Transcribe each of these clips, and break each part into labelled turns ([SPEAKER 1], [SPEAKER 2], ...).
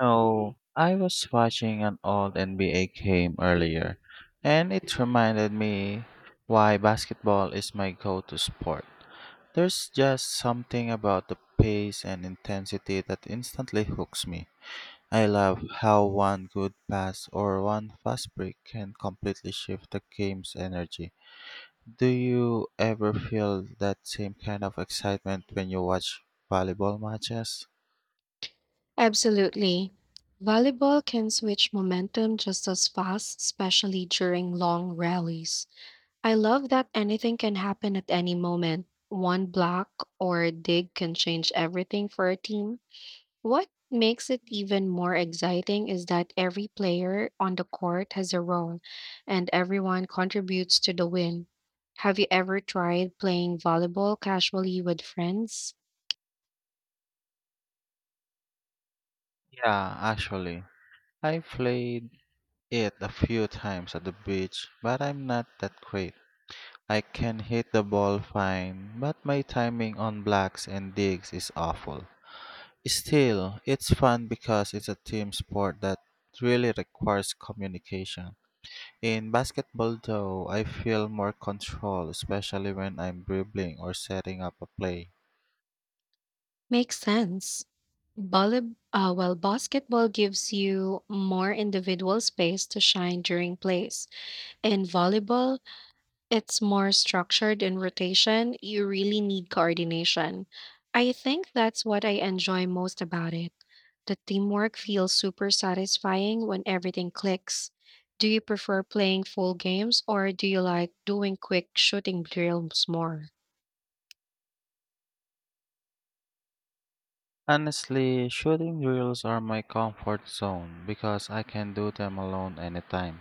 [SPEAKER 1] No, I was watching an old NBA game earlier, and it reminded me why basketball is my go to sport. There's just something about the pace and intensity that instantly hooks me. I love how one good pass or one fast break can completely shift the game's energy. Do you ever feel that same kind of excitement when you watch volleyball matches?
[SPEAKER 2] Absolutely. Volleyball can switch momentum just as fast, especially during long rallies. I love that anything can happen at any moment. One block or dig can change everything for a team. What makes it even more exciting is that every player on the court has a role and everyone contributes to the win. Have you ever tried playing volleyball casually with friends?
[SPEAKER 1] Yeah, actually. I played it a few times at the beach, but I'm not that great. I can hit the ball fine, but my timing on blocks and digs is awful. Still, it's fun because it's a team sport that really requires communication. In basketball, though, I feel more control, especially when I'm dribbling or setting up a play.
[SPEAKER 2] Makes sense. Basketball gives you more individual space to shine during plays. In volleyball, it's more structured in rotation. You really need coordination. I think that's what I enjoy most about it. The teamwork feels super satisfying when everything clicks. Do you prefer playing full games or do you like doing quick shooting drills more?
[SPEAKER 1] Honestly, shooting drills are my comfort zone because I can do them alone anytime.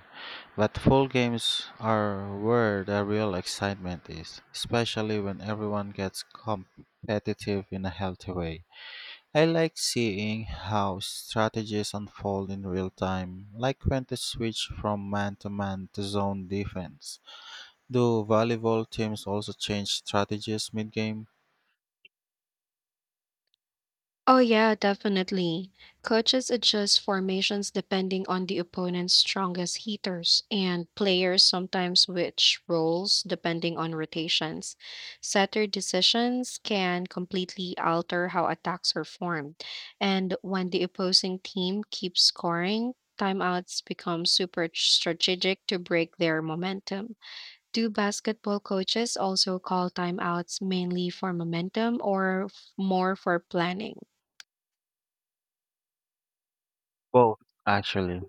[SPEAKER 1] But full games are where the real excitement is, especially when everyone gets competitive in a healthy way. I like seeing how strategies unfold in real time, like when to switch from man to man to zone defense. Do volleyball teams also change strategies mid game?
[SPEAKER 2] Oh, yeah, definitely. Coaches adjust formations depending on the opponent's strongest hitters, and players sometimes switch roles depending on rotations. Setter decisions can completely alter how attacks are formed, and when the opposing team keeps scoring, timeouts become super strategic to break their momentum. Do basketball coaches also call timeouts mainly for momentum or more for planning?
[SPEAKER 1] Both, actually.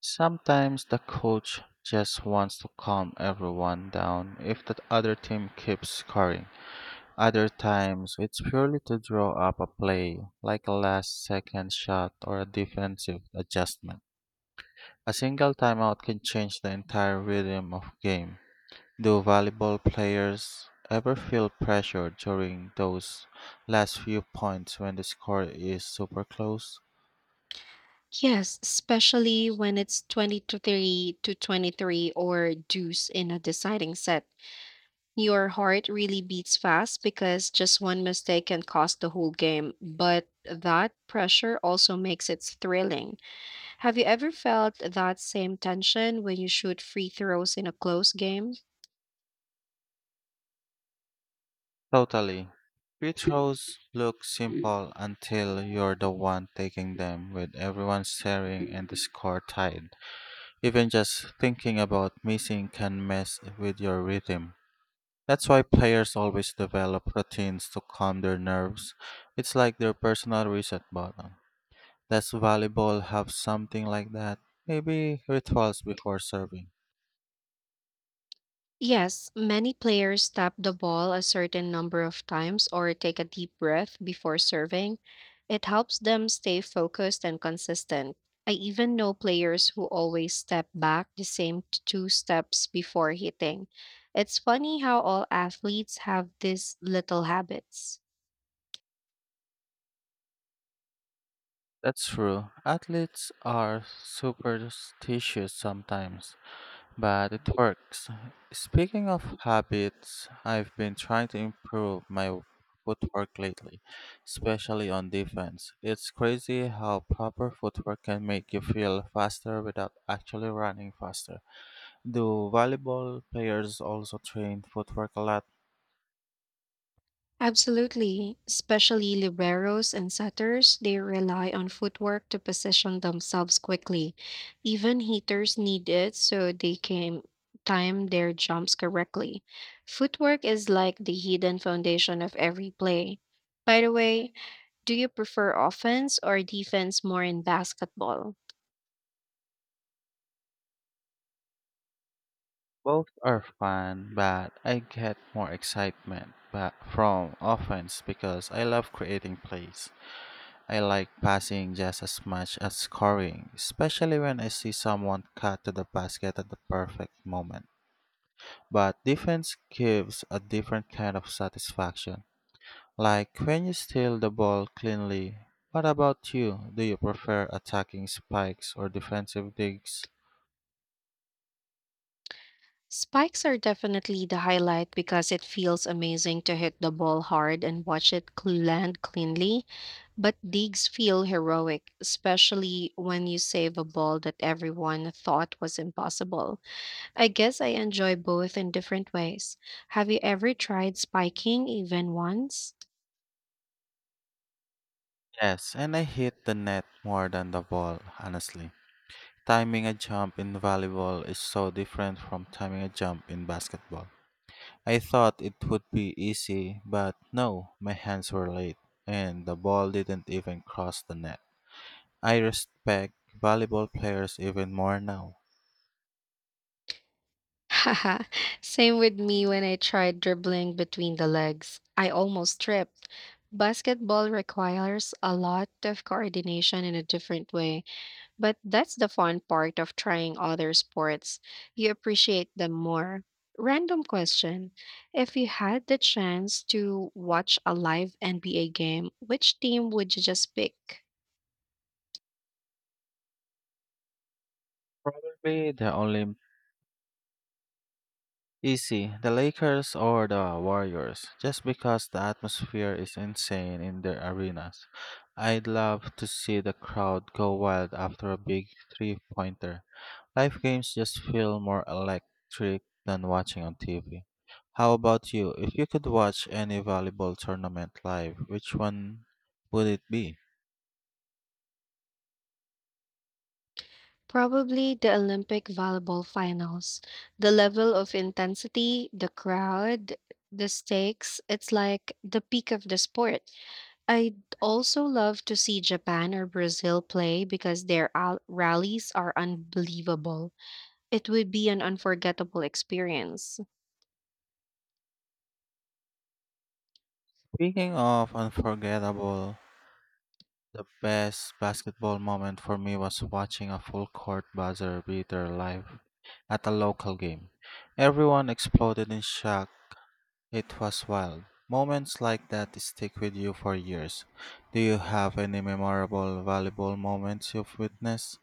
[SPEAKER 1] Sometimes the coach just wants to calm everyone down if the other team keeps scoring. Other times, it's purely to draw up a play, like a last second shot or a defensive adjustment. A single timeout can change the entire rhythm of game. Do volleyball players ever feel pressure during those last few points when the score is super close?
[SPEAKER 2] Yes, especially when it's 23 to 23 or deuce in a deciding set. Your heart really beats fast because just one mistake can cost the whole game, but that pressure also makes it thrilling. Have you ever felt that same tension when you shoot free throws in a close game?
[SPEAKER 1] Totally. Free throws look simple until you're the one taking them with everyone staring and the score tied. Even just thinking about missing can mess with your rhythm. That's why players always develop routines to calm their nerves. It's like their personal reset button. Does volleyball have something like that? Maybe rituals before serving.
[SPEAKER 2] Yes, many players tap the ball a certain number of times or take a deep breath before serving. It helps them stay focused and consistent. I even know players who always step back the same two steps before hitting. It's funny how all athletes have these little habits.
[SPEAKER 1] That's true. Athletes are superstitious sometimes. But it works. Speaking of habits, I've been trying to improve my footwork lately, especially on defense. It's crazy how proper footwork can make you feel faster without actually running faster. Do volleyball players also train footwork a lot?
[SPEAKER 2] Absolutely, especially liberos and setters, they rely on footwork to position themselves quickly. Even hitters need it so they can time their jumps correctly. Footwork is like the hidden foundation of every play. By the way, do you prefer offense or defense more in basketball?
[SPEAKER 1] Both are fun, but I get more excitement but from offense because I love creating plays. I like passing just as much as scoring, especially when I see someone cut to the basket at the perfect moment. But defense gives a different kind of satisfaction, like when you steal the ball cleanly. What about you? Do you prefer attacking spikes or defensive digs?
[SPEAKER 2] Spikes are definitely the highlight because it feels amazing to hit the ball hard and watch it land cleanly. But digs feel heroic, especially when you save a ball that everyone thought was impossible. I guess I enjoy both in different ways. Have you ever tried spiking even once?
[SPEAKER 1] Yes, and I hit the net more than the ball, honestly. Timing a jump in volleyball is so different from timing a jump in basketball. I thought it would be easy, but no, my hands were late, and the ball didn't even cross the net. I respect volleyball players even more now.
[SPEAKER 2] Haha, same with me when I tried dribbling between the legs. I almost tripped. Basketball requires a lot of coordination in a different way, but that's the fun part of trying other sports. You appreciate them more. Random question. If you had the chance to watch a live NBA game, which team would you just pick?
[SPEAKER 1] Probably the only easy, the Lakers or the Warriors, just because the atmosphere is insane in their arenas. I'd love to see the crowd go wild after a big three pointer. Live games just feel more electric than watching on TV. How about you? If you could watch any volleyball tournament live, which one would it be?
[SPEAKER 2] Probably the Olympic volleyball finals. The level of intensity, the crowd, the stakes, it's like the peak of the sport. I'd also love to see Japan or Brazil play because their rallies are unbelievable. It would be an unforgettable experience.
[SPEAKER 1] Speaking of unforgettable, the best basketball moment for me was watching a full court buzzer beater live at a local game. Everyone exploded in shock. It was wild. Moments like that stick with you for years. Do you have any memorable volleyball moments you've witnessed?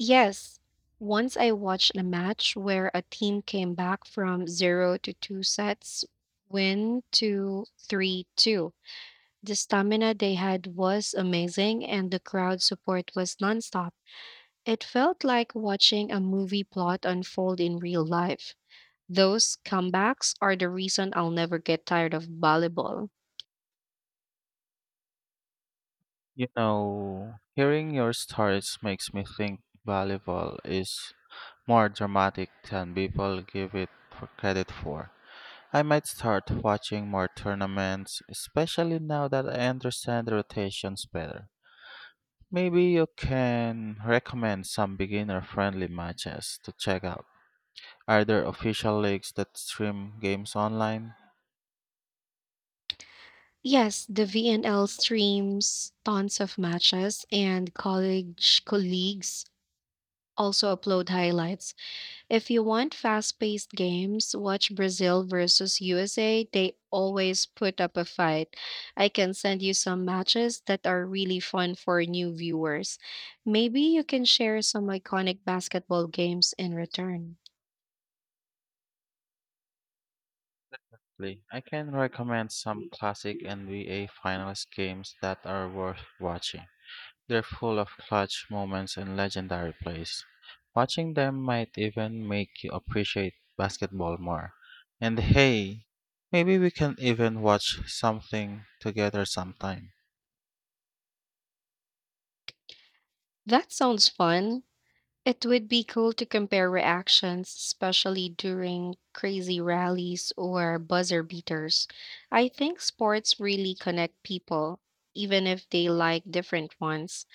[SPEAKER 2] Yes, once I watched a match where a team came back from 0 to 2 sets, win to 3-2. The stamina they had was amazing, and the crowd support was nonstop. It felt like watching a movie plot unfold in real life. Those comebacks are the reason I'll never get tired of volleyball.
[SPEAKER 1] You know, hearing your stories makes me think volleyball is more dramatic than people give it for credit for. I might start watching more tournaments, especially now that I understand the rotations better. Maybe you can recommend some beginner friendly matches to check out. Are there official leagues that stream games online?
[SPEAKER 2] Yes, the VNL streams tons of matches, and college colleagues also upload highlights. If you want fast-paced games, watch Brazil versus USA. They always put up a fight. I can send you some matches that are really fun for new viewers. Maybe you can share some iconic basketball games in return.
[SPEAKER 1] Lee, I can recommend some classic NBA finals games that are worth watching. They're full of clutch moments and legendary plays. Watching them might even make you appreciate basketball more. And hey, maybe we can even watch something together sometime.
[SPEAKER 2] That sounds fun. It would be cool to compare reactions, especially during crazy rallies or buzzer beaters. I think sports really connect people, even if they like different ones.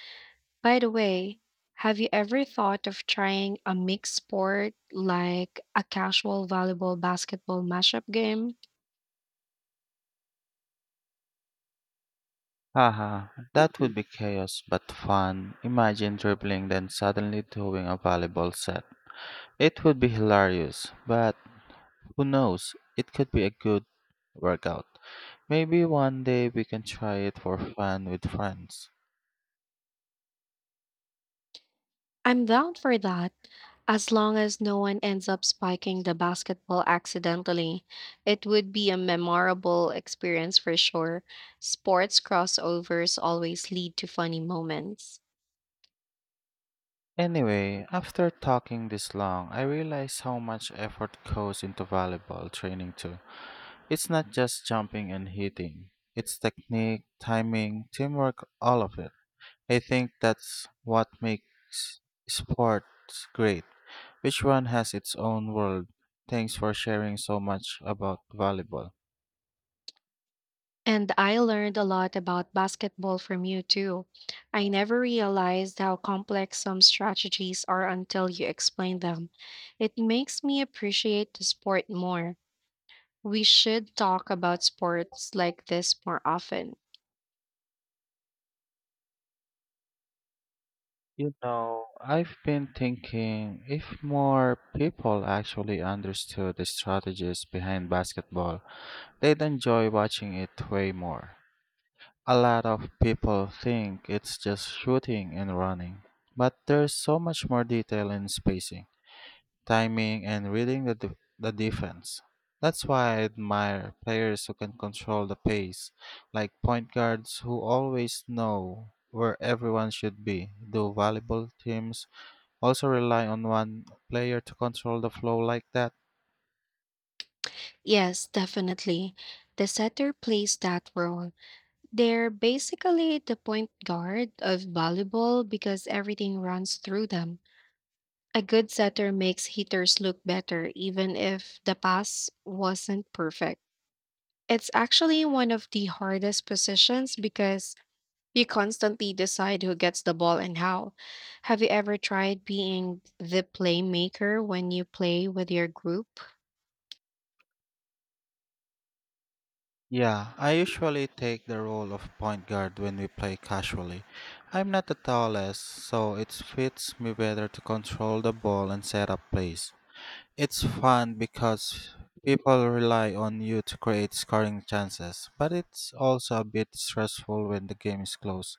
[SPEAKER 2] By the way, have you ever thought of trying a mixed sport like a casual volleyball basketball mashup game?
[SPEAKER 1] Haha, that would be chaos but fun. Imagine dribbling then suddenly doing a volleyball set. It would be hilarious, but who knows? It could be a good workout. Maybe one day we can try it for fun with friends.
[SPEAKER 2] I'm down for that. As long as no one ends up spiking the basketball accidentally, it would be a memorable experience for sure. Sports crossovers always lead to funny moments.
[SPEAKER 1] Anyway, after talking this long, I realize how much effort goes into volleyball training too. It's not just jumping and hitting. It's technique, timing, teamwork, all of it. I think that's what makes sports great. Each one has its own world. Thanks for sharing so much about volleyball.
[SPEAKER 2] And I learned a lot about basketball from you too. I never realized how complex some strategies are until you explain them. It makes me appreciate the sport more. We should talk about sports like this more often.
[SPEAKER 1] You know, I've been thinking if more people actually understood the strategies behind basketball, they'd enjoy watching it way more. A lot of people think it's just shooting and running, but there's so much more detail in spacing, timing, and reading the defense. That's why I admire players who can control the pace, like point guards who always know where everyone should be. Do volleyball teams also rely on one player to control the flow like that?
[SPEAKER 2] Yes, definitely. The setter plays that role. They're basically the point guard of volleyball because everything runs through them. A good setter makes hitters look better even if the pass wasn't perfect. It's actually one of the hardest positions because you constantly decide who gets the ball and how. Have you ever tried being the playmaker when you play with your group?
[SPEAKER 1] Yeah, I usually take the role of point guard when we play casually. I'm not the tallest, so it fits me better to control the ball and set up plays. It's fun because people rely on you to create scoring chances, but it's also a bit stressful when the game is close.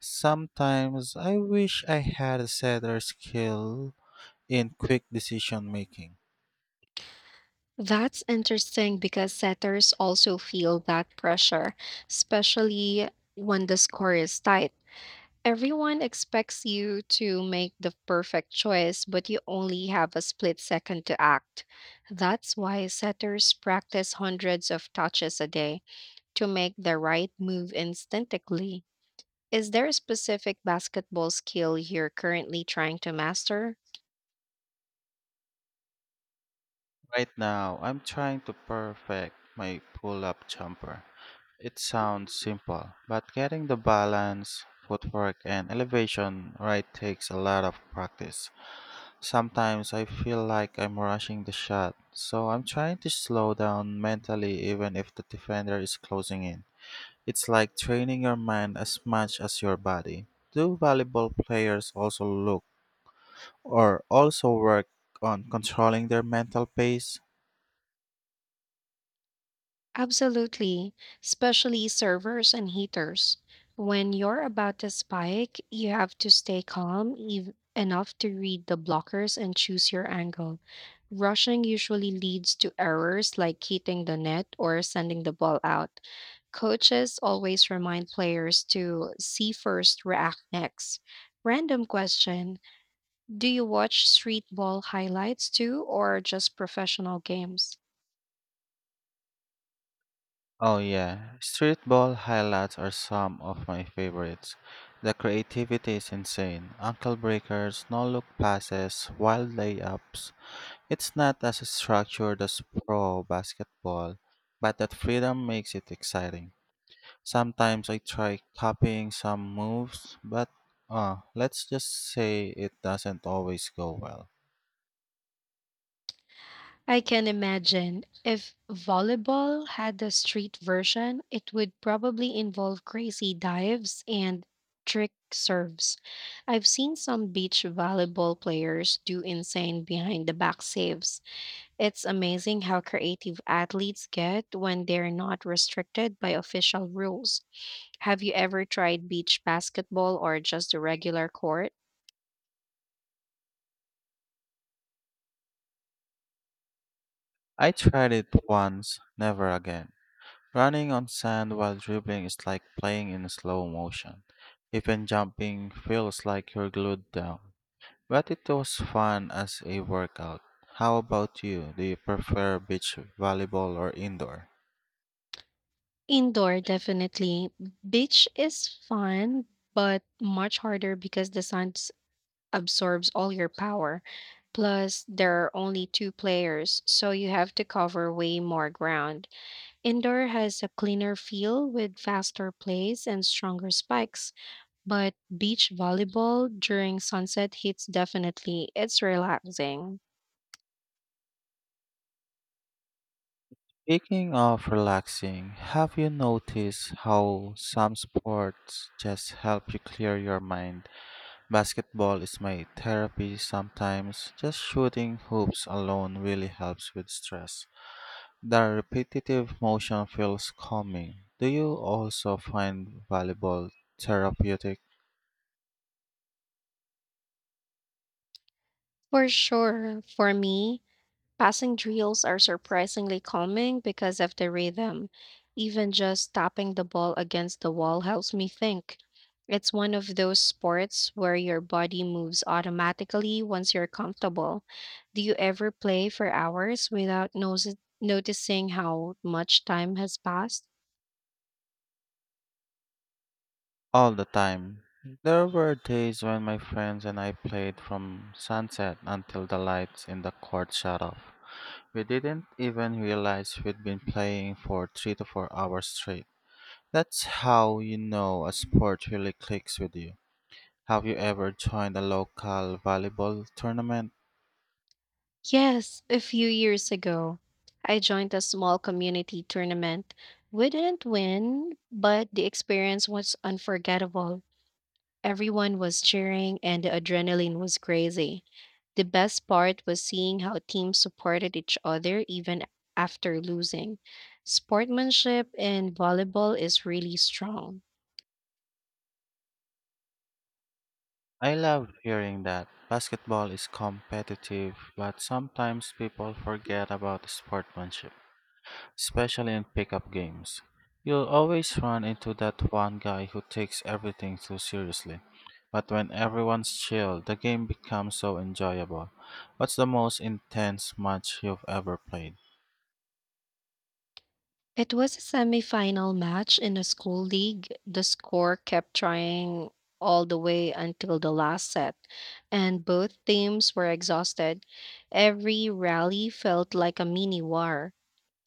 [SPEAKER 1] Sometimes I wish I had a setter skill in quick decision making.
[SPEAKER 2] That's interesting because setters also feel that pressure, especially when the score is tight. Everyone expects you to make the perfect choice, but you only have a split second to act. That's why setters practice hundreds of touches a day to make the right move instantly. Is there a specific basketball skill you're currently trying to master?
[SPEAKER 1] Right now, I'm trying to perfect my pull up jumper. It sounds simple, but getting the balance, footwork, and elevation right takes a lot of practice. Sometimes I feel like I'm rushing the shot, so I'm trying to slow down mentally even if the defender is closing in. It's like training your mind as much as your body. Do volleyball players also look or also work on controlling their mental pace?
[SPEAKER 2] Absolutely, especially servers and heaters. When you're about to spike, you have to stay calm enough to read the blockers and choose your angle. Rushing usually leads to errors like hitting the net or sending the ball out. Coaches always remind players to see first, react next. Random question. Do you watch street ball highlights too, or just professional games?
[SPEAKER 1] Oh yeah, streetball highlights are some of my favorites. The creativity is insane. Ankle breakers, no-look passes, wild layups. It's not as structured as pro basketball, but that freedom makes it exciting. Sometimes I try copying some moves, but let's just say it doesn't always go well.
[SPEAKER 2] I can imagine. If volleyball had a street version, it would probably involve crazy dives and trick serves. I've seen some beach volleyball players do insane behind the back saves. It's amazing how creative athletes get when they're not restricted by official rules. Have you ever tried beach basketball or just a regular court?
[SPEAKER 1] I tried it once, never again. Running on sand while dribbling is like playing in slow motion. Even jumping feels like you're glued down. But it was fun as a workout. How about you? Do you prefer beach volleyball or indoor?
[SPEAKER 2] Indoor, definitely. Beach is fun, but much harder because the absorbs all your power. Plus, there are only two players, so you have to cover way more ground. Indoor has a cleaner feel with faster plays and stronger spikes, but beach volleyball during sunset hits definitely. It's relaxing.
[SPEAKER 1] Speaking of relaxing, have you noticed how some sports just help you clear your mind? Basketball is my therapy sometimes. Just shooting hoops alone really helps with stress. The repetitive motion feels calming. Do you also find volleyball therapeutic?
[SPEAKER 2] For sure, for me, passing drills are surprisingly calming because of the rhythm. Even just tapping the ball against the wall helps me think. It's one of those sports where your body moves automatically once you're comfortable. Do you ever play for hours without noticing how much time has passed?
[SPEAKER 1] All the time. There were days when my friends and I played from sunset until the lights in the court shut off. We didn't even realize we'd been playing for 3 to 4 hours straight. That's how you know a sport really clicks with you. Have you ever joined a local volleyball tournament?
[SPEAKER 2] Yes, a few years ago, I joined a small community tournament. We didn't win, but the experience was unforgettable. Everyone was cheering and the adrenaline was crazy. The best part was seeing how teams supported each other even after losing. Sportsmanship in volleyball is really strong.
[SPEAKER 1] I love hearing that. Basketball is competitive, but sometimes people forget about sportsmanship, especially in pickup games. You'll always run into that one guy who takes everything too seriously. But when everyone's chill, the game becomes so enjoyable. What's the most intense match you've ever played?
[SPEAKER 2] It was a semifinal match in a school league. The score kept trying all the way until the last set, and both teams were exhausted. Every rally felt like a mini war.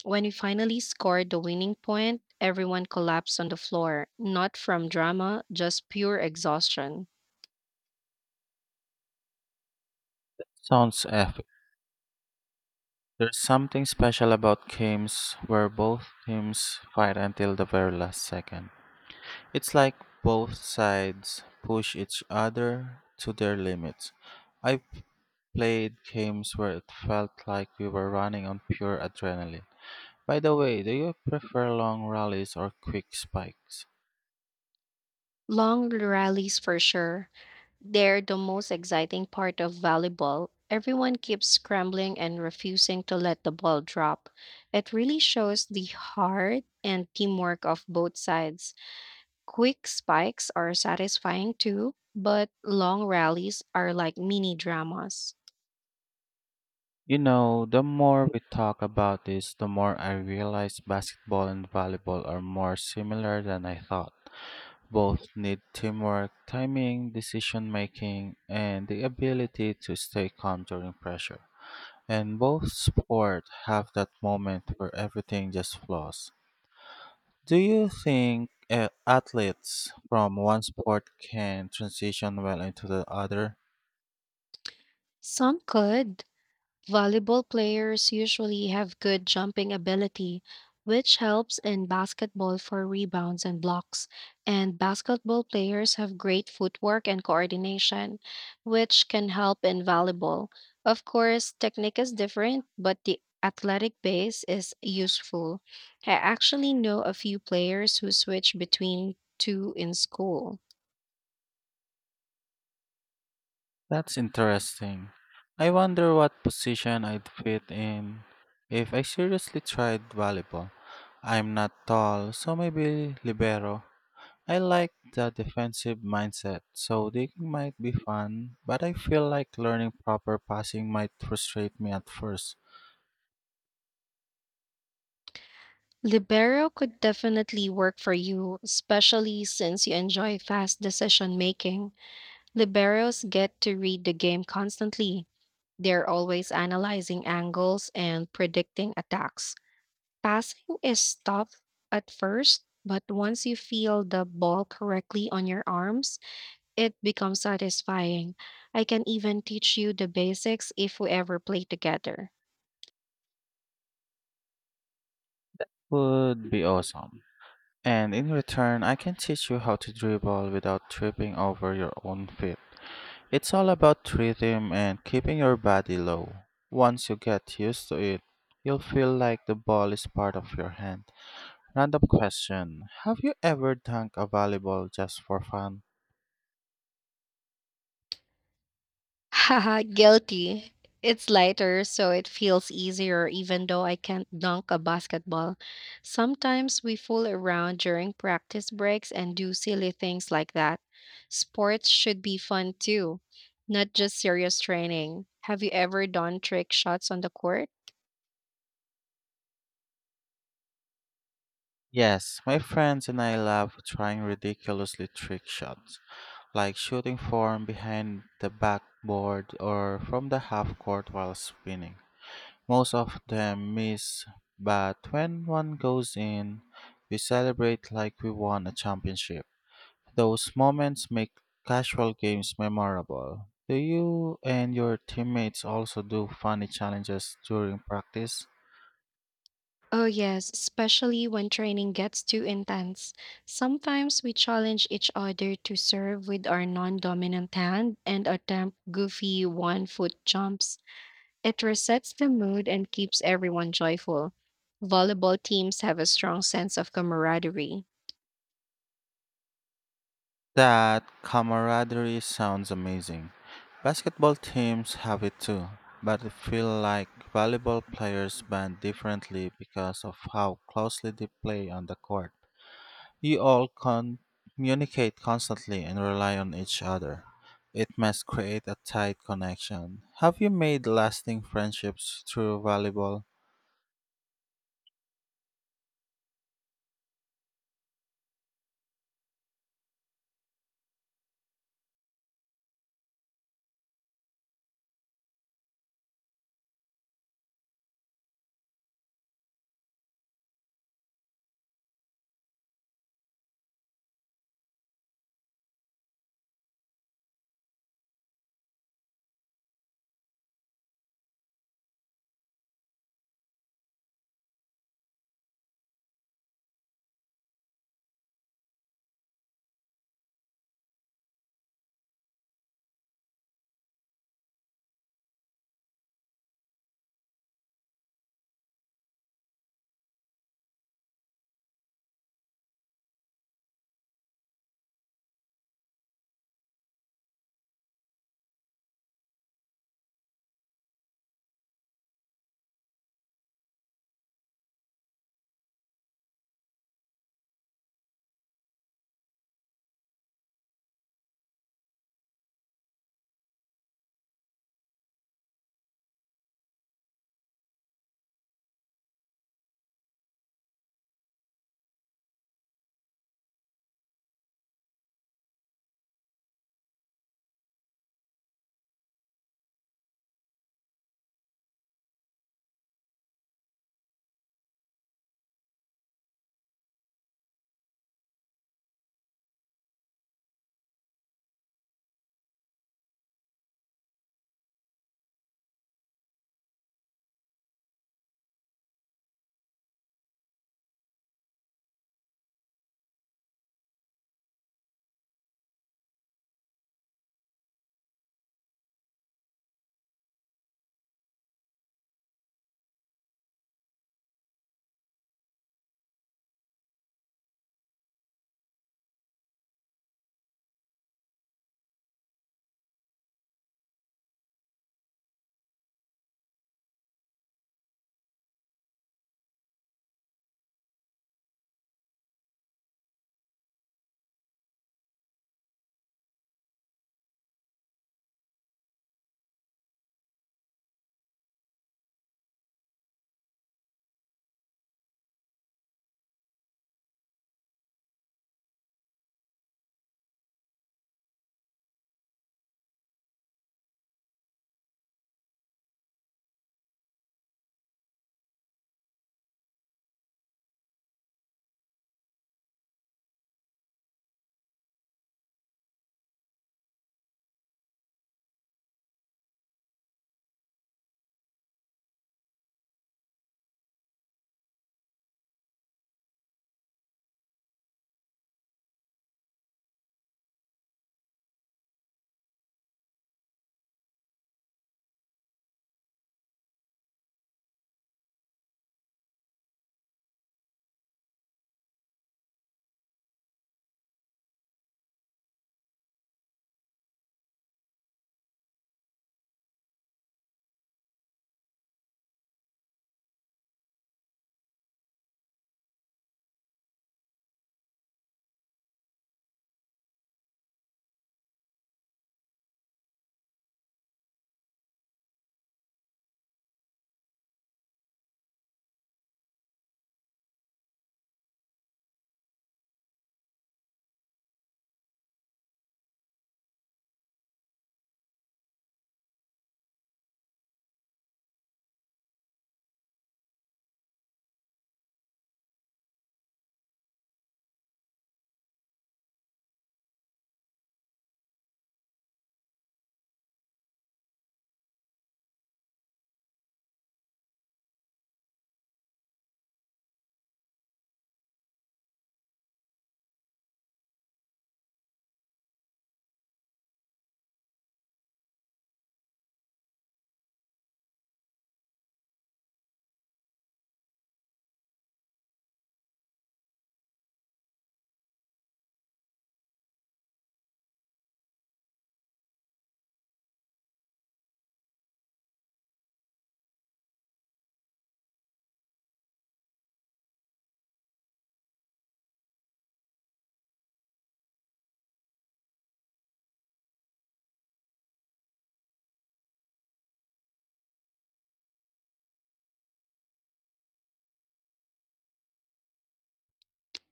[SPEAKER 2] When we finally scored the winning point, everyone collapsed on the floor, not from drama, just pure exhaustion.
[SPEAKER 1] Sounds epic. There's something special about games where both teams fight until the very last second. It's like both sides push each other to their limits. I've played games where it felt like we were running on pure adrenaline. By the way, do you prefer long rallies or quick spikes?
[SPEAKER 2] Long rallies for sure. They're the most exciting part of volleyball. Everyone keeps scrambling and refusing to let the ball drop. It really shows the heart and teamwork of both sides. Quick spikes are satisfying too, but long rallies are like mini dramas.
[SPEAKER 1] You know, the more we talk about this, the more I realize basketball and volleyball are more similar than I thought. Both need teamwork, timing, decision making, and the ability to stay calm during pressure. And both sports have that moment where everything just flows. Do you think athletes from one sport can transition well into the other?
[SPEAKER 2] Some could. Volleyball players usually have good jumping ability, which helps in basketball for rebounds and blocks. And basketball players have great footwork and coordination, which can help in volleyball. Of course, technique is different, but the athletic base is useful. I actually know a few players who switch between two in school.
[SPEAKER 1] That's interesting. I wonder what position I'd fit in if I seriously tried volleyball. I'm not tall, so maybe libero. I like the defensive mindset, so digging might be fun, but I feel like learning proper passing might frustrate me at first.
[SPEAKER 2] Libero could definitely work for you, especially since you enjoy fast decision making. Liberos get to read the game constantly. They're always analyzing angles and predicting attacks. Passing is tough at first, but once you feel the ball correctly on your arms, it becomes satisfying. I can even teach you the basics if we ever play together.
[SPEAKER 1] Would be awesome. And in return, I can teach you how to dribble without tripping over your own feet. It's all about rhythm and keeping your body low. Once you get used to it, you'll feel like the ball is part of your hand. Random question. Have you ever dunked a volleyball just for fun?
[SPEAKER 2] Haha, guilty. It's lighter, so it feels easier, even though I can't dunk a basketball. Sometimes we fool around during practice breaks and do silly things like that. Sports should be fun too, not just serious training. Have you ever done trick shots on the court?
[SPEAKER 1] Yes, my friends and I love trying ridiculously trick shots, like shooting from behind the backboard or from the half court while spinning. Most of them miss, but when one goes in, we celebrate like we won a championship. Those moments make casual games memorable. Do you and your teammates also do funny challenges during practice?
[SPEAKER 2] Oh, yes, especially when training gets too intense. Sometimes we challenge each other to serve with our non dominant hand and attempt goofy one foot jumps. It resets the mood and keeps everyone joyful. Volleyball teams have a strong sense of camaraderie.
[SPEAKER 1] That camaraderie sounds amazing. Basketball teams have it too, but I feel like volleyball players band differently because of how closely they play on the court. You all communicate constantly and rely on each other. It must create a tight connection. Have you made lasting friendships through volleyball?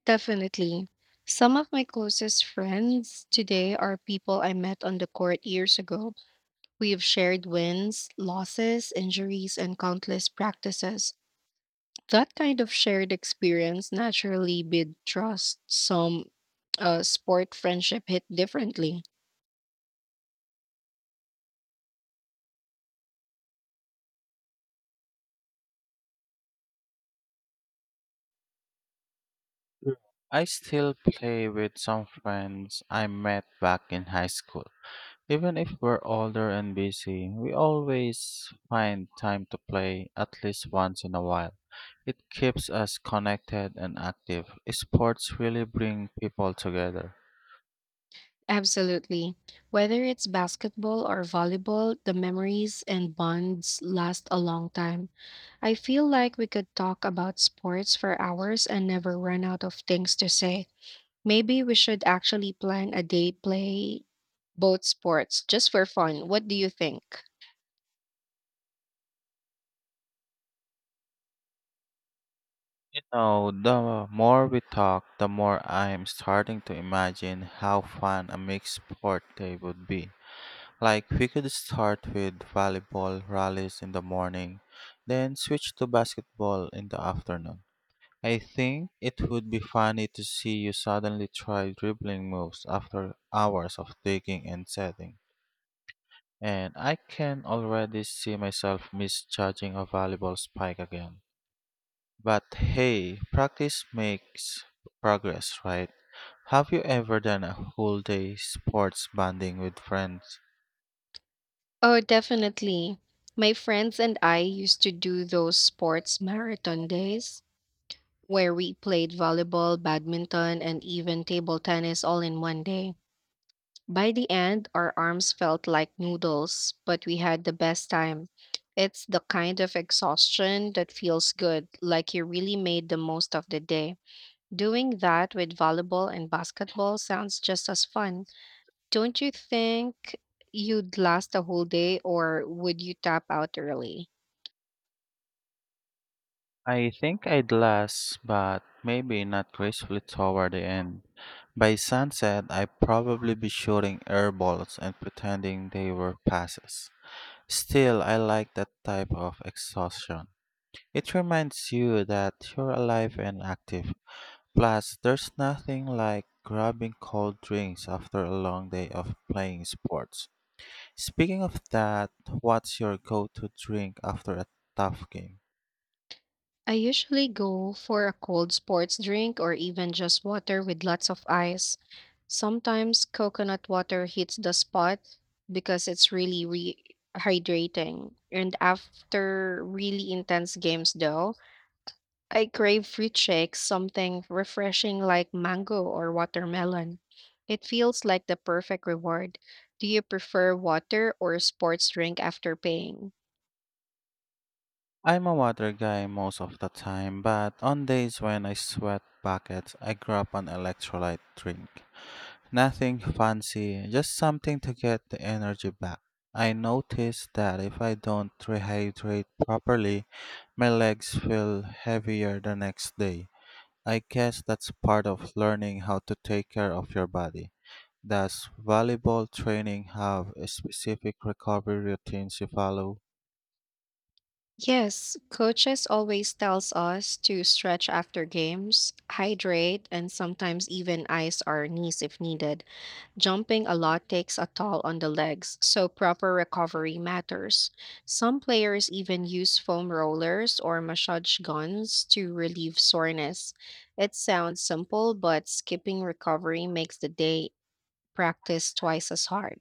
[SPEAKER 2] Definitely. Some of my closest friends today are people I met on the court years ago. We have shared wins, losses, injuries, and countless practices. That kind of shared experience naturally builds trust. Some sport friendship hit differently.
[SPEAKER 1] I still play with some friends I met back in high school. Even if we're older and busy, we always find time to play at least once in a while. It keeps us connected and active. Sports really bring people together.
[SPEAKER 2] Absolutely. Whether it's basketball or volleyball, the memories and bonds last a long time. I feel like we could talk about sports for hours and never run out of things to say. Maybe we should actually plan a day play both sports just for fun. What do you think?
[SPEAKER 1] You know, the more we talk, the more I'm starting to imagine how fun a mixed sport day would be. Like, we could start with volleyball rallies in the morning, then switch to basketball in the afternoon. I think it would be funny to see you suddenly try dribbling moves after hours of digging and setting. And I can already see myself misjudging a volleyball spike again. But hey, practice makes progress, right? Have you ever done a whole day sports bonding with friends?
[SPEAKER 2] Oh, definitely. My friends and I used to do those sports marathon days where we played volleyball, badminton, and even table tennis all in one day. By the end, our arms felt like noodles, but we had the best time. It's the kind of exhaustion that feels good, like you really made the most of the day. Doing that with volleyball and basketball sounds just as fun. Don't you think you'd last a whole day, or would you tap out early?
[SPEAKER 1] I think I'd last, but maybe not gracefully toward the end. By sunset, I'd probably be shooting air balls and pretending they were passes. Still, I like that type of exhaustion. It reminds you that you're alive and active. Plus, there's nothing like grabbing cold drinks after a long day of playing sports. Speaking of that, what's your go to drink after a tough game?
[SPEAKER 2] I usually go for a cold sports drink or even just water with lots of ice. Sometimes coconut water hits the spot because it's really rehydrating. And after really intense games, though, I crave fruit shakes, something refreshing like mango or watermelon. It feels like the perfect reward. Do you prefer water or sports drink after paying?
[SPEAKER 1] I'm a water guy most of the time, but on days when I sweat buckets, I grab an electrolyte drink. Nothing fancy, just something to get the energy back. I notice that if I don't rehydrate properly, my legs feel heavier the next day. I guess that's part of learning how to take care of your body. Does volleyball training have a specific recovery routines you follow?
[SPEAKER 2] Yes, coaches always tells us to stretch after games, hydrate, and sometimes even ice our knees if needed. Jumping a lot takes a toll on the legs, so proper recovery matters. Some players even use foam rollers or massage guns to relieve soreness. It sounds simple, but skipping recovery makes the day practice twice as hard.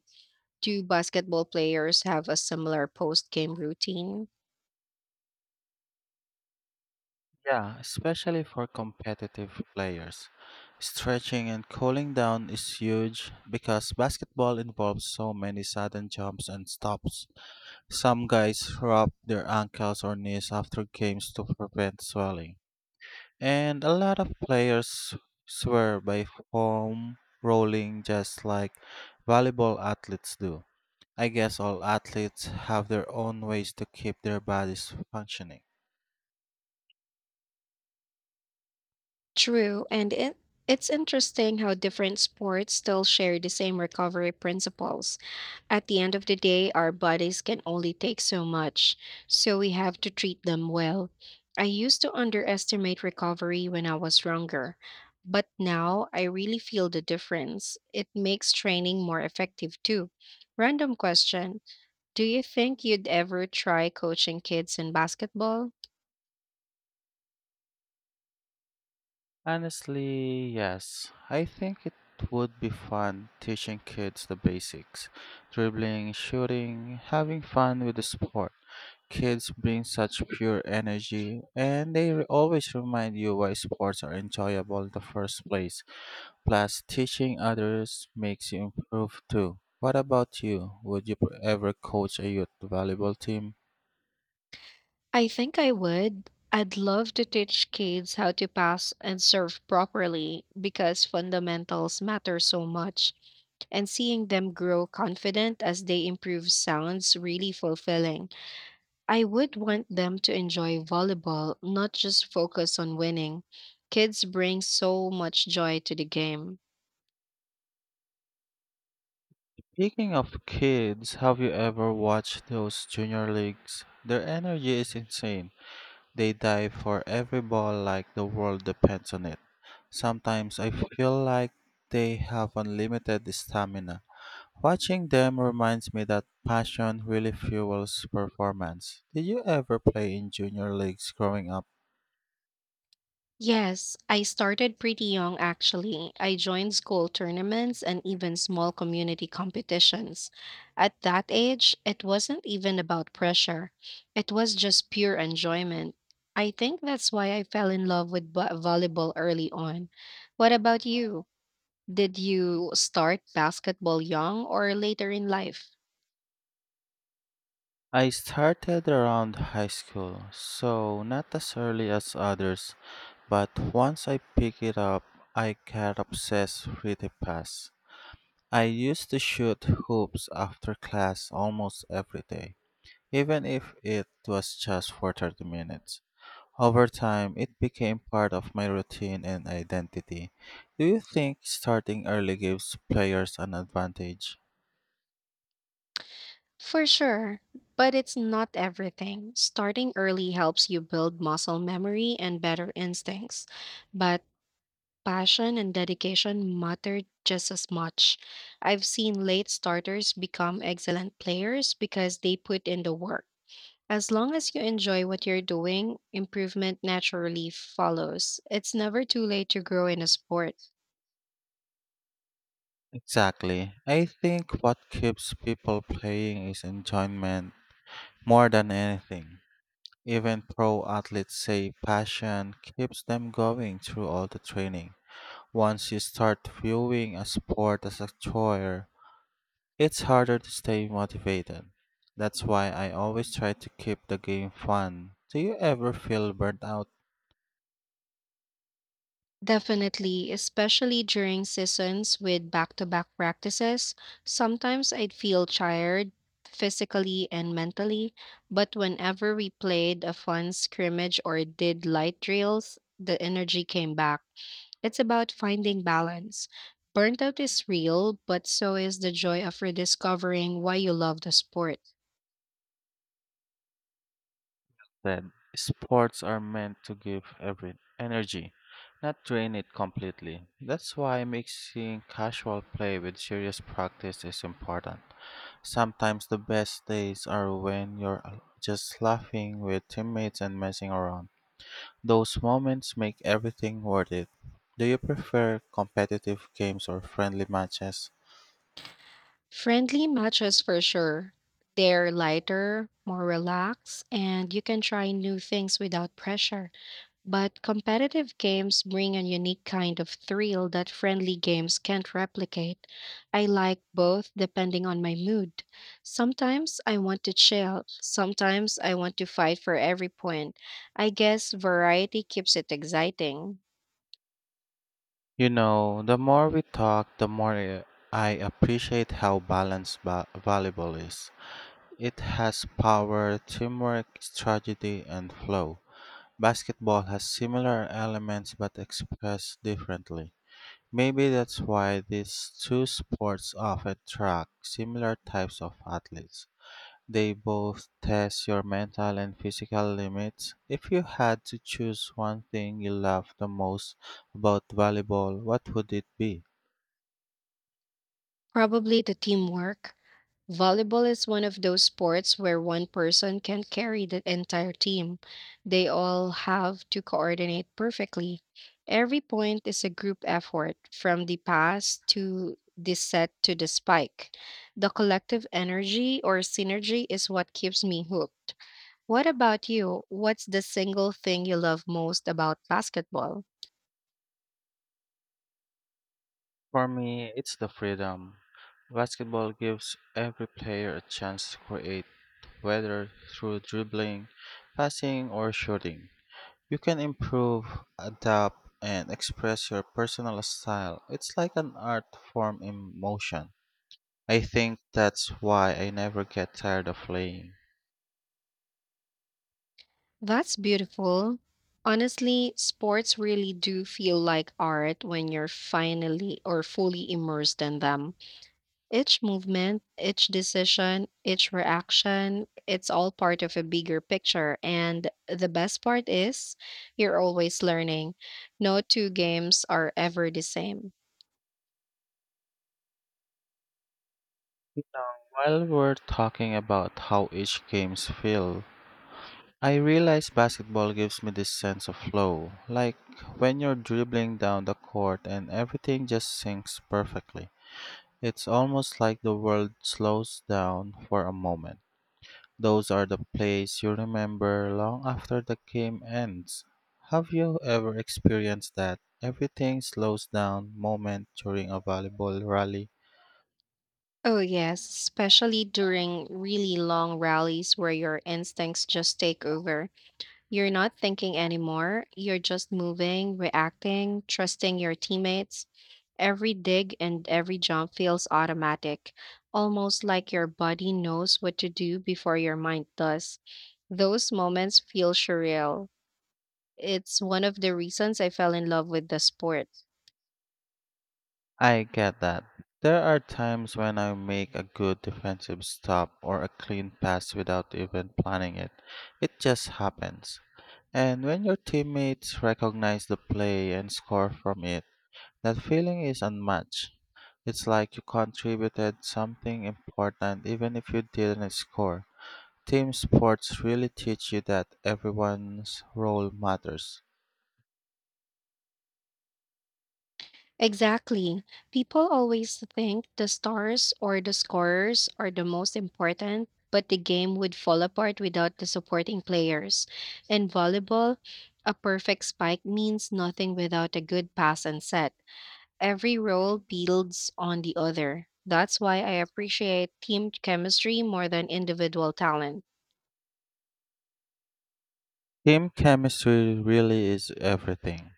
[SPEAKER 2] Do basketball players have a similar post-game routine?
[SPEAKER 1] Yeah, especially for competitive players. Stretching and cooling down is huge because basketball involves so many sudden jumps and stops. Some guys wrap their ankles or knees after games to prevent swelling. And a lot of players swear by foam rolling just like volleyball athletes do. I guess all athletes have their own ways to keep their bodies functioning.
[SPEAKER 2] True, and it's interesting how different sports still share the same recovery principles. At the end of the day, our bodies can only take so much, so we have to treat them well. I used to underestimate recovery when I was younger, but now I really feel the difference. It makes training more effective too. Random question. Do you think you'd ever try coaching kids in basketball?
[SPEAKER 1] Honestly, yes. I think it would be fun teaching kids the basics dribbling, shooting, having fun with the sport. Kids bring such pure energy, and always remind you why sports are enjoyable in the first place. Plus, teaching others makes you improve too. What about you? Would you ever coach a youth volleyball team?
[SPEAKER 2] I think I would. I'd love to teach kids how to pass and serve properly because fundamentals matter so much. And seeing them grow confident as they improve sounds really fulfilling. I would want them to enjoy volleyball, not just focus on winning. Kids bring so much joy to the game.
[SPEAKER 1] Speaking of kids, have you ever watched those junior leagues? Their energy is insane. They dive for every ball like the world depends on it. Sometimes I feel like they have unlimited stamina. Watching them reminds me that passion really fuels performance. Did you ever play in junior leagues growing up?
[SPEAKER 2] Yes, I started pretty young actually. I joined school tournaments and even small community competitions. At that age, it wasn't even about pressure, it was just pure enjoyment. I think that's why I fell in love with volleyball early on. What about you? Did you start basketball young or later in life?
[SPEAKER 1] I started around high school, so not as early as others, but once I picked it up, I got obsessed with the pass. I used to shoot hoops after class almost every day, even if it was just for 30 minutes. Over time, it became part of my routine and identity. Do you think starting early gives players an advantage?
[SPEAKER 2] For sure, but it's not everything. Starting early helps you build muscle memory and better instincts. But passion and dedication matter just as much. I've seen late starters become excellent players because they put in the work. As long as you enjoy what you're doing, improvement naturally follows. It's never too late to grow in a sport.
[SPEAKER 1] Exactly. I think what keeps people playing is enjoyment more than anything. Even pro athletes say passion keeps them going through all the training. Once you start viewing a sport as a chore, it's harder to stay motivated. That's why I always try to keep the game fun. Do you ever feel burnt out
[SPEAKER 2] Definitely, especially during seasons with back to back practices. Sometimes I'd feel tired physically and mentally, but whenever we played a fun scrimmage or did light drills, the energy came back. It's about finding balance. Burnt out is real, but so is the joy of rediscovering why you love the sport.
[SPEAKER 1] said, sports are meant to give every energy, not drain it completely. That's why mixing casual play with serious practice is important. Sometimes the best days are when you're just laughing with teammates and messing around. Those moments make everything worth it. Do you prefer competitive games or friendly matches?
[SPEAKER 2] Friendly matches for sure. They're lighter, more relaxed, and you can try new things without pressure. But competitive games bring a unique kind of thrill that friendly games can't replicate. I like both depending on my mood. Sometimes I want to chill, sometimes I want to fight for every point. I guess variety keeps it exciting.
[SPEAKER 1] You know, the more we talk, the more I appreciate how balanced volleyball is. It has power, teamwork, strategy, and flow. Basketball has similar elements but expressed differently. Maybe that's why these two sports often track similar types of athletes. They both test your mental and physical limits. If you had to choose one thing you love the most about volleyball, what would it be?
[SPEAKER 2] Probably the teamwork. Volleyball is one of those sports where one person can carry the entire team. They all have to coordinate perfectly. Every point is a group effort, from the pass to the set to the spike. The collective energy or synergy is what keeps me hooked. What about you? What's the single thing you love most about basketball?
[SPEAKER 1] For me, it's the freedom. Basketball gives every player a chance to create, whether through dribbling, passing, or shooting. You can improve, adapt, and express your personal style. It's like an art form in motion. I think that's why I never get tired of playing.
[SPEAKER 2] That's beautiful. Honestly, sports really do feel like art when you're finally or fully immersed in them. Each movement, each decision, each reaction, it's all part of a bigger picture. And the best part is you're always learning. No two games are ever the same.
[SPEAKER 1] While we're talking about how each games feel, I realize basketball gives me this sense of flow, like when you're dribbling down the court and everything just sinks perfectly. It's almost like the world slows down for a moment. Those are the plays you remember long after the game ends. Have you ever experienced that? Everything slows down moment during a volleyball rally.
[SPEAKER 2] Oh, yes, especially during really long rallies where your instincts just take over. You're not thinking anymore. You're just moving, reacting, trusting your teammates. Every dig and every jump feels automatic, almost like your body knows what to do before your mind does. Those moments feel surreal. It's one of the reasons I fell in love with the sport.
[SPEAKER 1] I get that. There are times when I make a good defensive stop or a clean pass without even planning it. It just happens. And when your teammates recognize the play and score from it, that feeling is unmatched. It's like you contributed something important even if you didn't score. Team sports really teach you that everyone's role matters.
[SPEAKER 2] Exactly. People always think the stars or the scorers are the most important, but the game would fall apart without the supporting players. In volleyball, a perfect spike means nothing without a good pass and set. Every role builds on the other. That's why I appreciate team chemistry more than individual talent.
[SPEAKER 1] Team chemistry really is everything.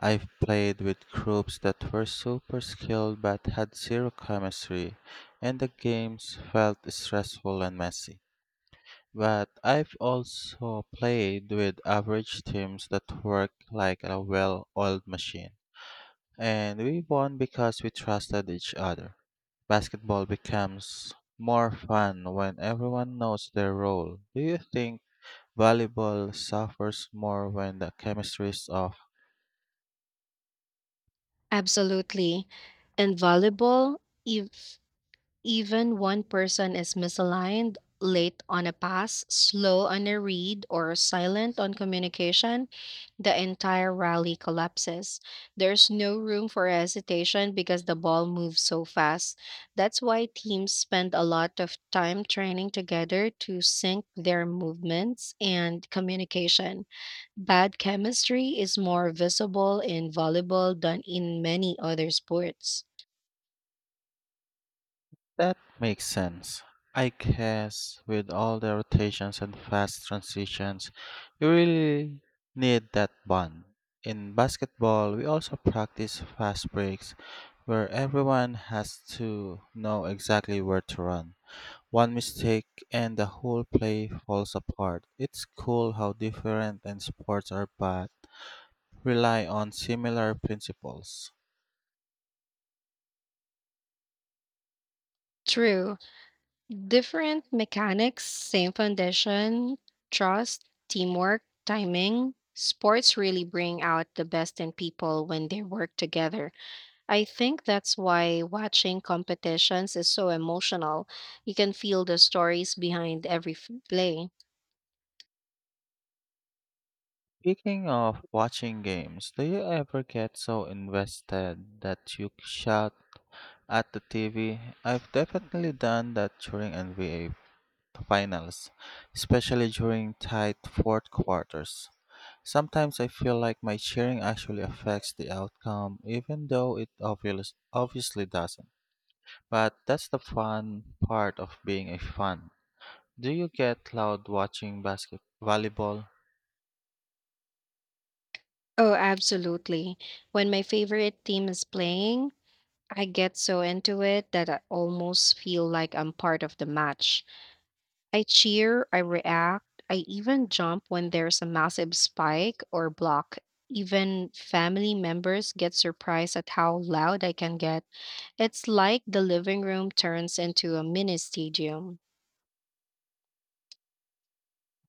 [SPEAKER 1] I've played with groups that were super skilled but had zero chemistry, and the games felt stressful and messy. But I've also played with average teams that work like a well oiled machine, and we won because we trusted each other. Basketball becomes more fun when everyone knows their role. Do you think? Volleyball suffers more when the chemistry's off.
[SPEAKER 2] Absolutely. In volleyball, if even one person is misaligned, late on a pass, slow on a read, or silent on communication, the entire rally collapses. There's no room for hesitation because the ball moves so fast. That's why teams spend a lot of time training together to sync their movements and communication. Bad chemistry is more visible in volleyball than in many other sports.
[SPEAKER 1] That makes sense. I guess with all the rotations and fast transitions, you really need that bond. In basketball, we also practice fast breaks where everyone has to know exactly where to run. One mistake and the whole play falls apart. It's cool how different and sports are but rely on similar principles.
[SPEAKER 2] True, different mechanics, same foundation, trust, teamwork, timing. Sports really bring out the best in people when they work together. I think that's why watching competitions is so emotional. You can feel the stories behind every play.
[SPEAKER 1] Speaking of watching games, do you ever get so invested that you shout at the TV? I've definitely done that during NBA finals, especially during tight fourth quarters. Sometimes I feel like my cheering actually affects the outcome, even though it obviously doesn't. But that's the fun part of being a fan. Do you get loud watching basketball volleyball?
[SPEAKER 2] Oh, absolutely. When my favorite team is playing, I get so into it that I almost feel like I'm part of the match. I cheer, I react, I even jump when there's a massive spike or block. Even family members get surprised at how loud I can get. It's like the living room turns into a mini stadium.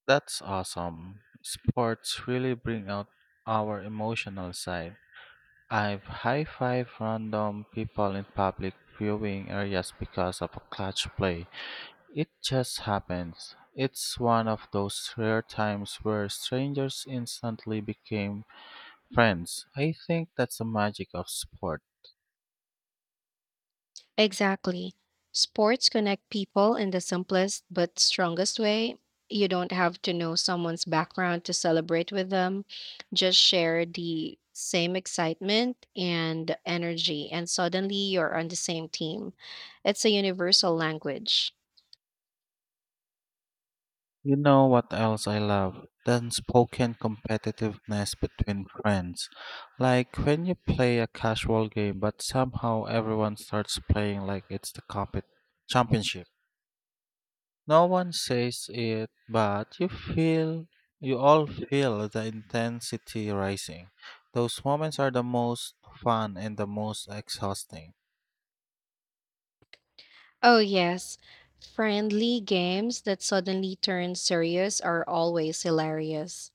[SPEAKER 1] That's awesome. Sports really bring out our emotional side. I've high five random people in public viewing areas because of a clutch play. It just happens. It's one of those rare times where strangers instantly became friends. I think that's the magic of sport.
[SPEAKER 2] Exactly. Sports connect people in the simplest but strongest way. You don't have to know someone's background to celebrate with them. Just share the same excitement and energy, and suddenly you're on the same team. It's a universal language.
[SPEAKER 1] You know what else I love? The unspoken competitiveness between friends. Like when you play a casual game, but somehow everyone starts playing like it's the championship. No one says it, but you all feel the intensity rising. Those moments are the most fun and the most exhausting.
[SPEAKER 2] Oh, yes. Friendly games that suddenly turn serious are always hilarious.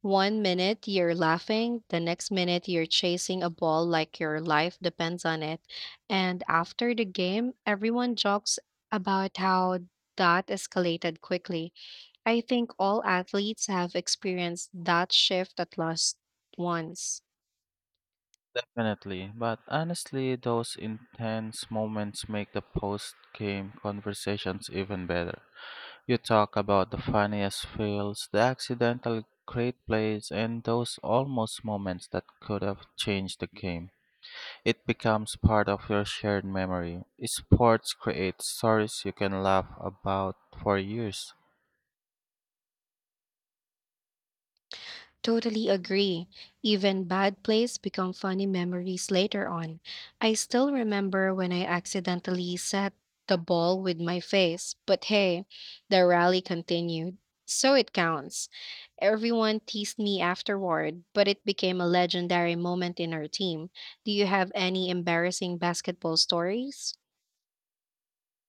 [SPEAKER 2] One minute you're laughing, the next minute you're chasing a ball like your life depends on it. And after the game, everyone jokes about how that escalated quickly. I think all athletes have experienced that shift at least once.
[SPEAKER 1] Definitely, but honestly, those intense moments make the post game conversations even better. You talk about the funniest fails, the accidental great plays, and those almost moments that could have changed the game. It becomes part of your shared memory. Sports create stories you can laugh about for years.
[SPEAKER 2] Totally agree. Even bad plays become funny memories later on. I still remember when I accidentally set the ball with my face, but hey, the rally continued. So it counts. Everyone teased me afterward, but it became a legendary moment in our team. Do you have any embarrassing basketball stories?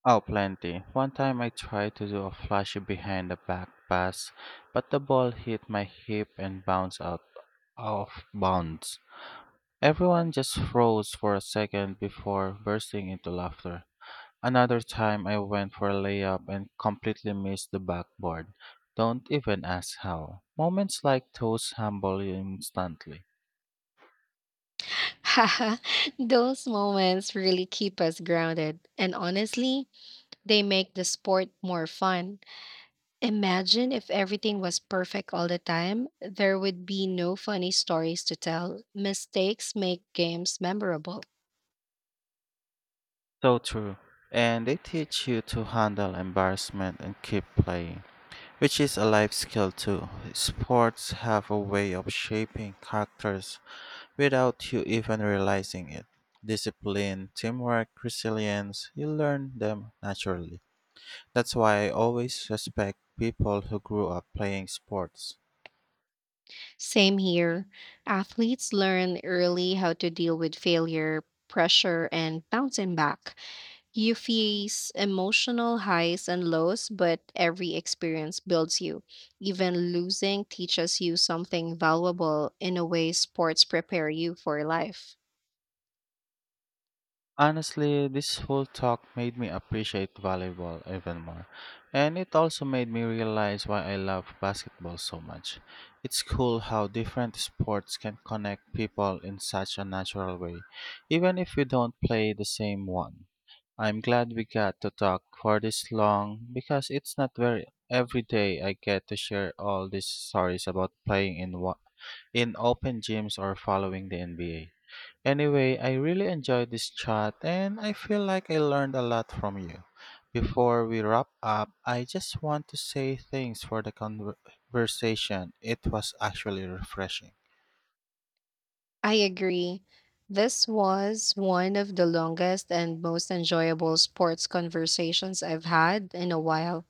[SPEAKER 1] Oh, plenty. One time I tried to do a flashy behind the back pass, but the ball hit my hip and bounced out of bounds. Everyone just froze for a second before bursting into laughter. Another time I went for a layup and completely missed the backboard. Don't even ask how. Moments like those humble you instantly.
[SPEAKER 2] Haha, those moments really keep us grounded. And honestly, they make the sport more fun. Imagine if everything was perfect all the time. There would be no funny stories to tell. Mistakes make games memorable.
[SPEAKER 1] So true. And they teach you to handle embarrassment and keep playing, which is a life skill too. Sports have a way of shaping characters without you even realizing it. Discipline, teamwork, resilience, you learn them naturally. That's why I always respect people who grew up playing sports.
[SPEAKER 2] Same here. Athletes learn early how to deal with failure, pressure, and bouncing back. You face emotional highs and lows, but every experience builds you. Even losing teaches you something valuable in a way sports prepare you for life.
[SPEAKER 1] Honestly, this whole talk made me appreciate volleyball even more. And it also made me realize why I love basketball so much. It's cool how different sports can connect people in such a natural way, even if we don't play the same one. I'm glad we got to talk for this long because it's not very every day I get to share all these stories about playing in in open gyms or following the NBA. Anyway, I really enjoyed this chat and I feel like I learned a lot from you. Before we wrap up, I just want to say thanks for the conversation. It was actually refreshing.
[SPEAKER 2] I agree. This was one of the longest and most enjoyable sports conversations I've had in a while.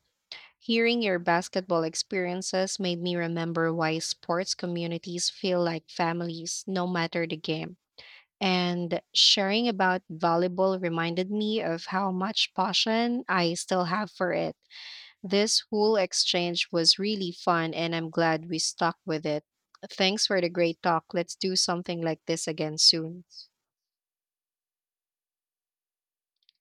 [SPEAKER 2] Hearing your basketball experiences made me remember why sports communities feel like families, no matter the game. And sharing about volleyball reminded me of how much passion I still have for it. This whole exchange was really fun, and I'm glad we stuck with it. Thanks for the great talk. Let's do something like this again soon.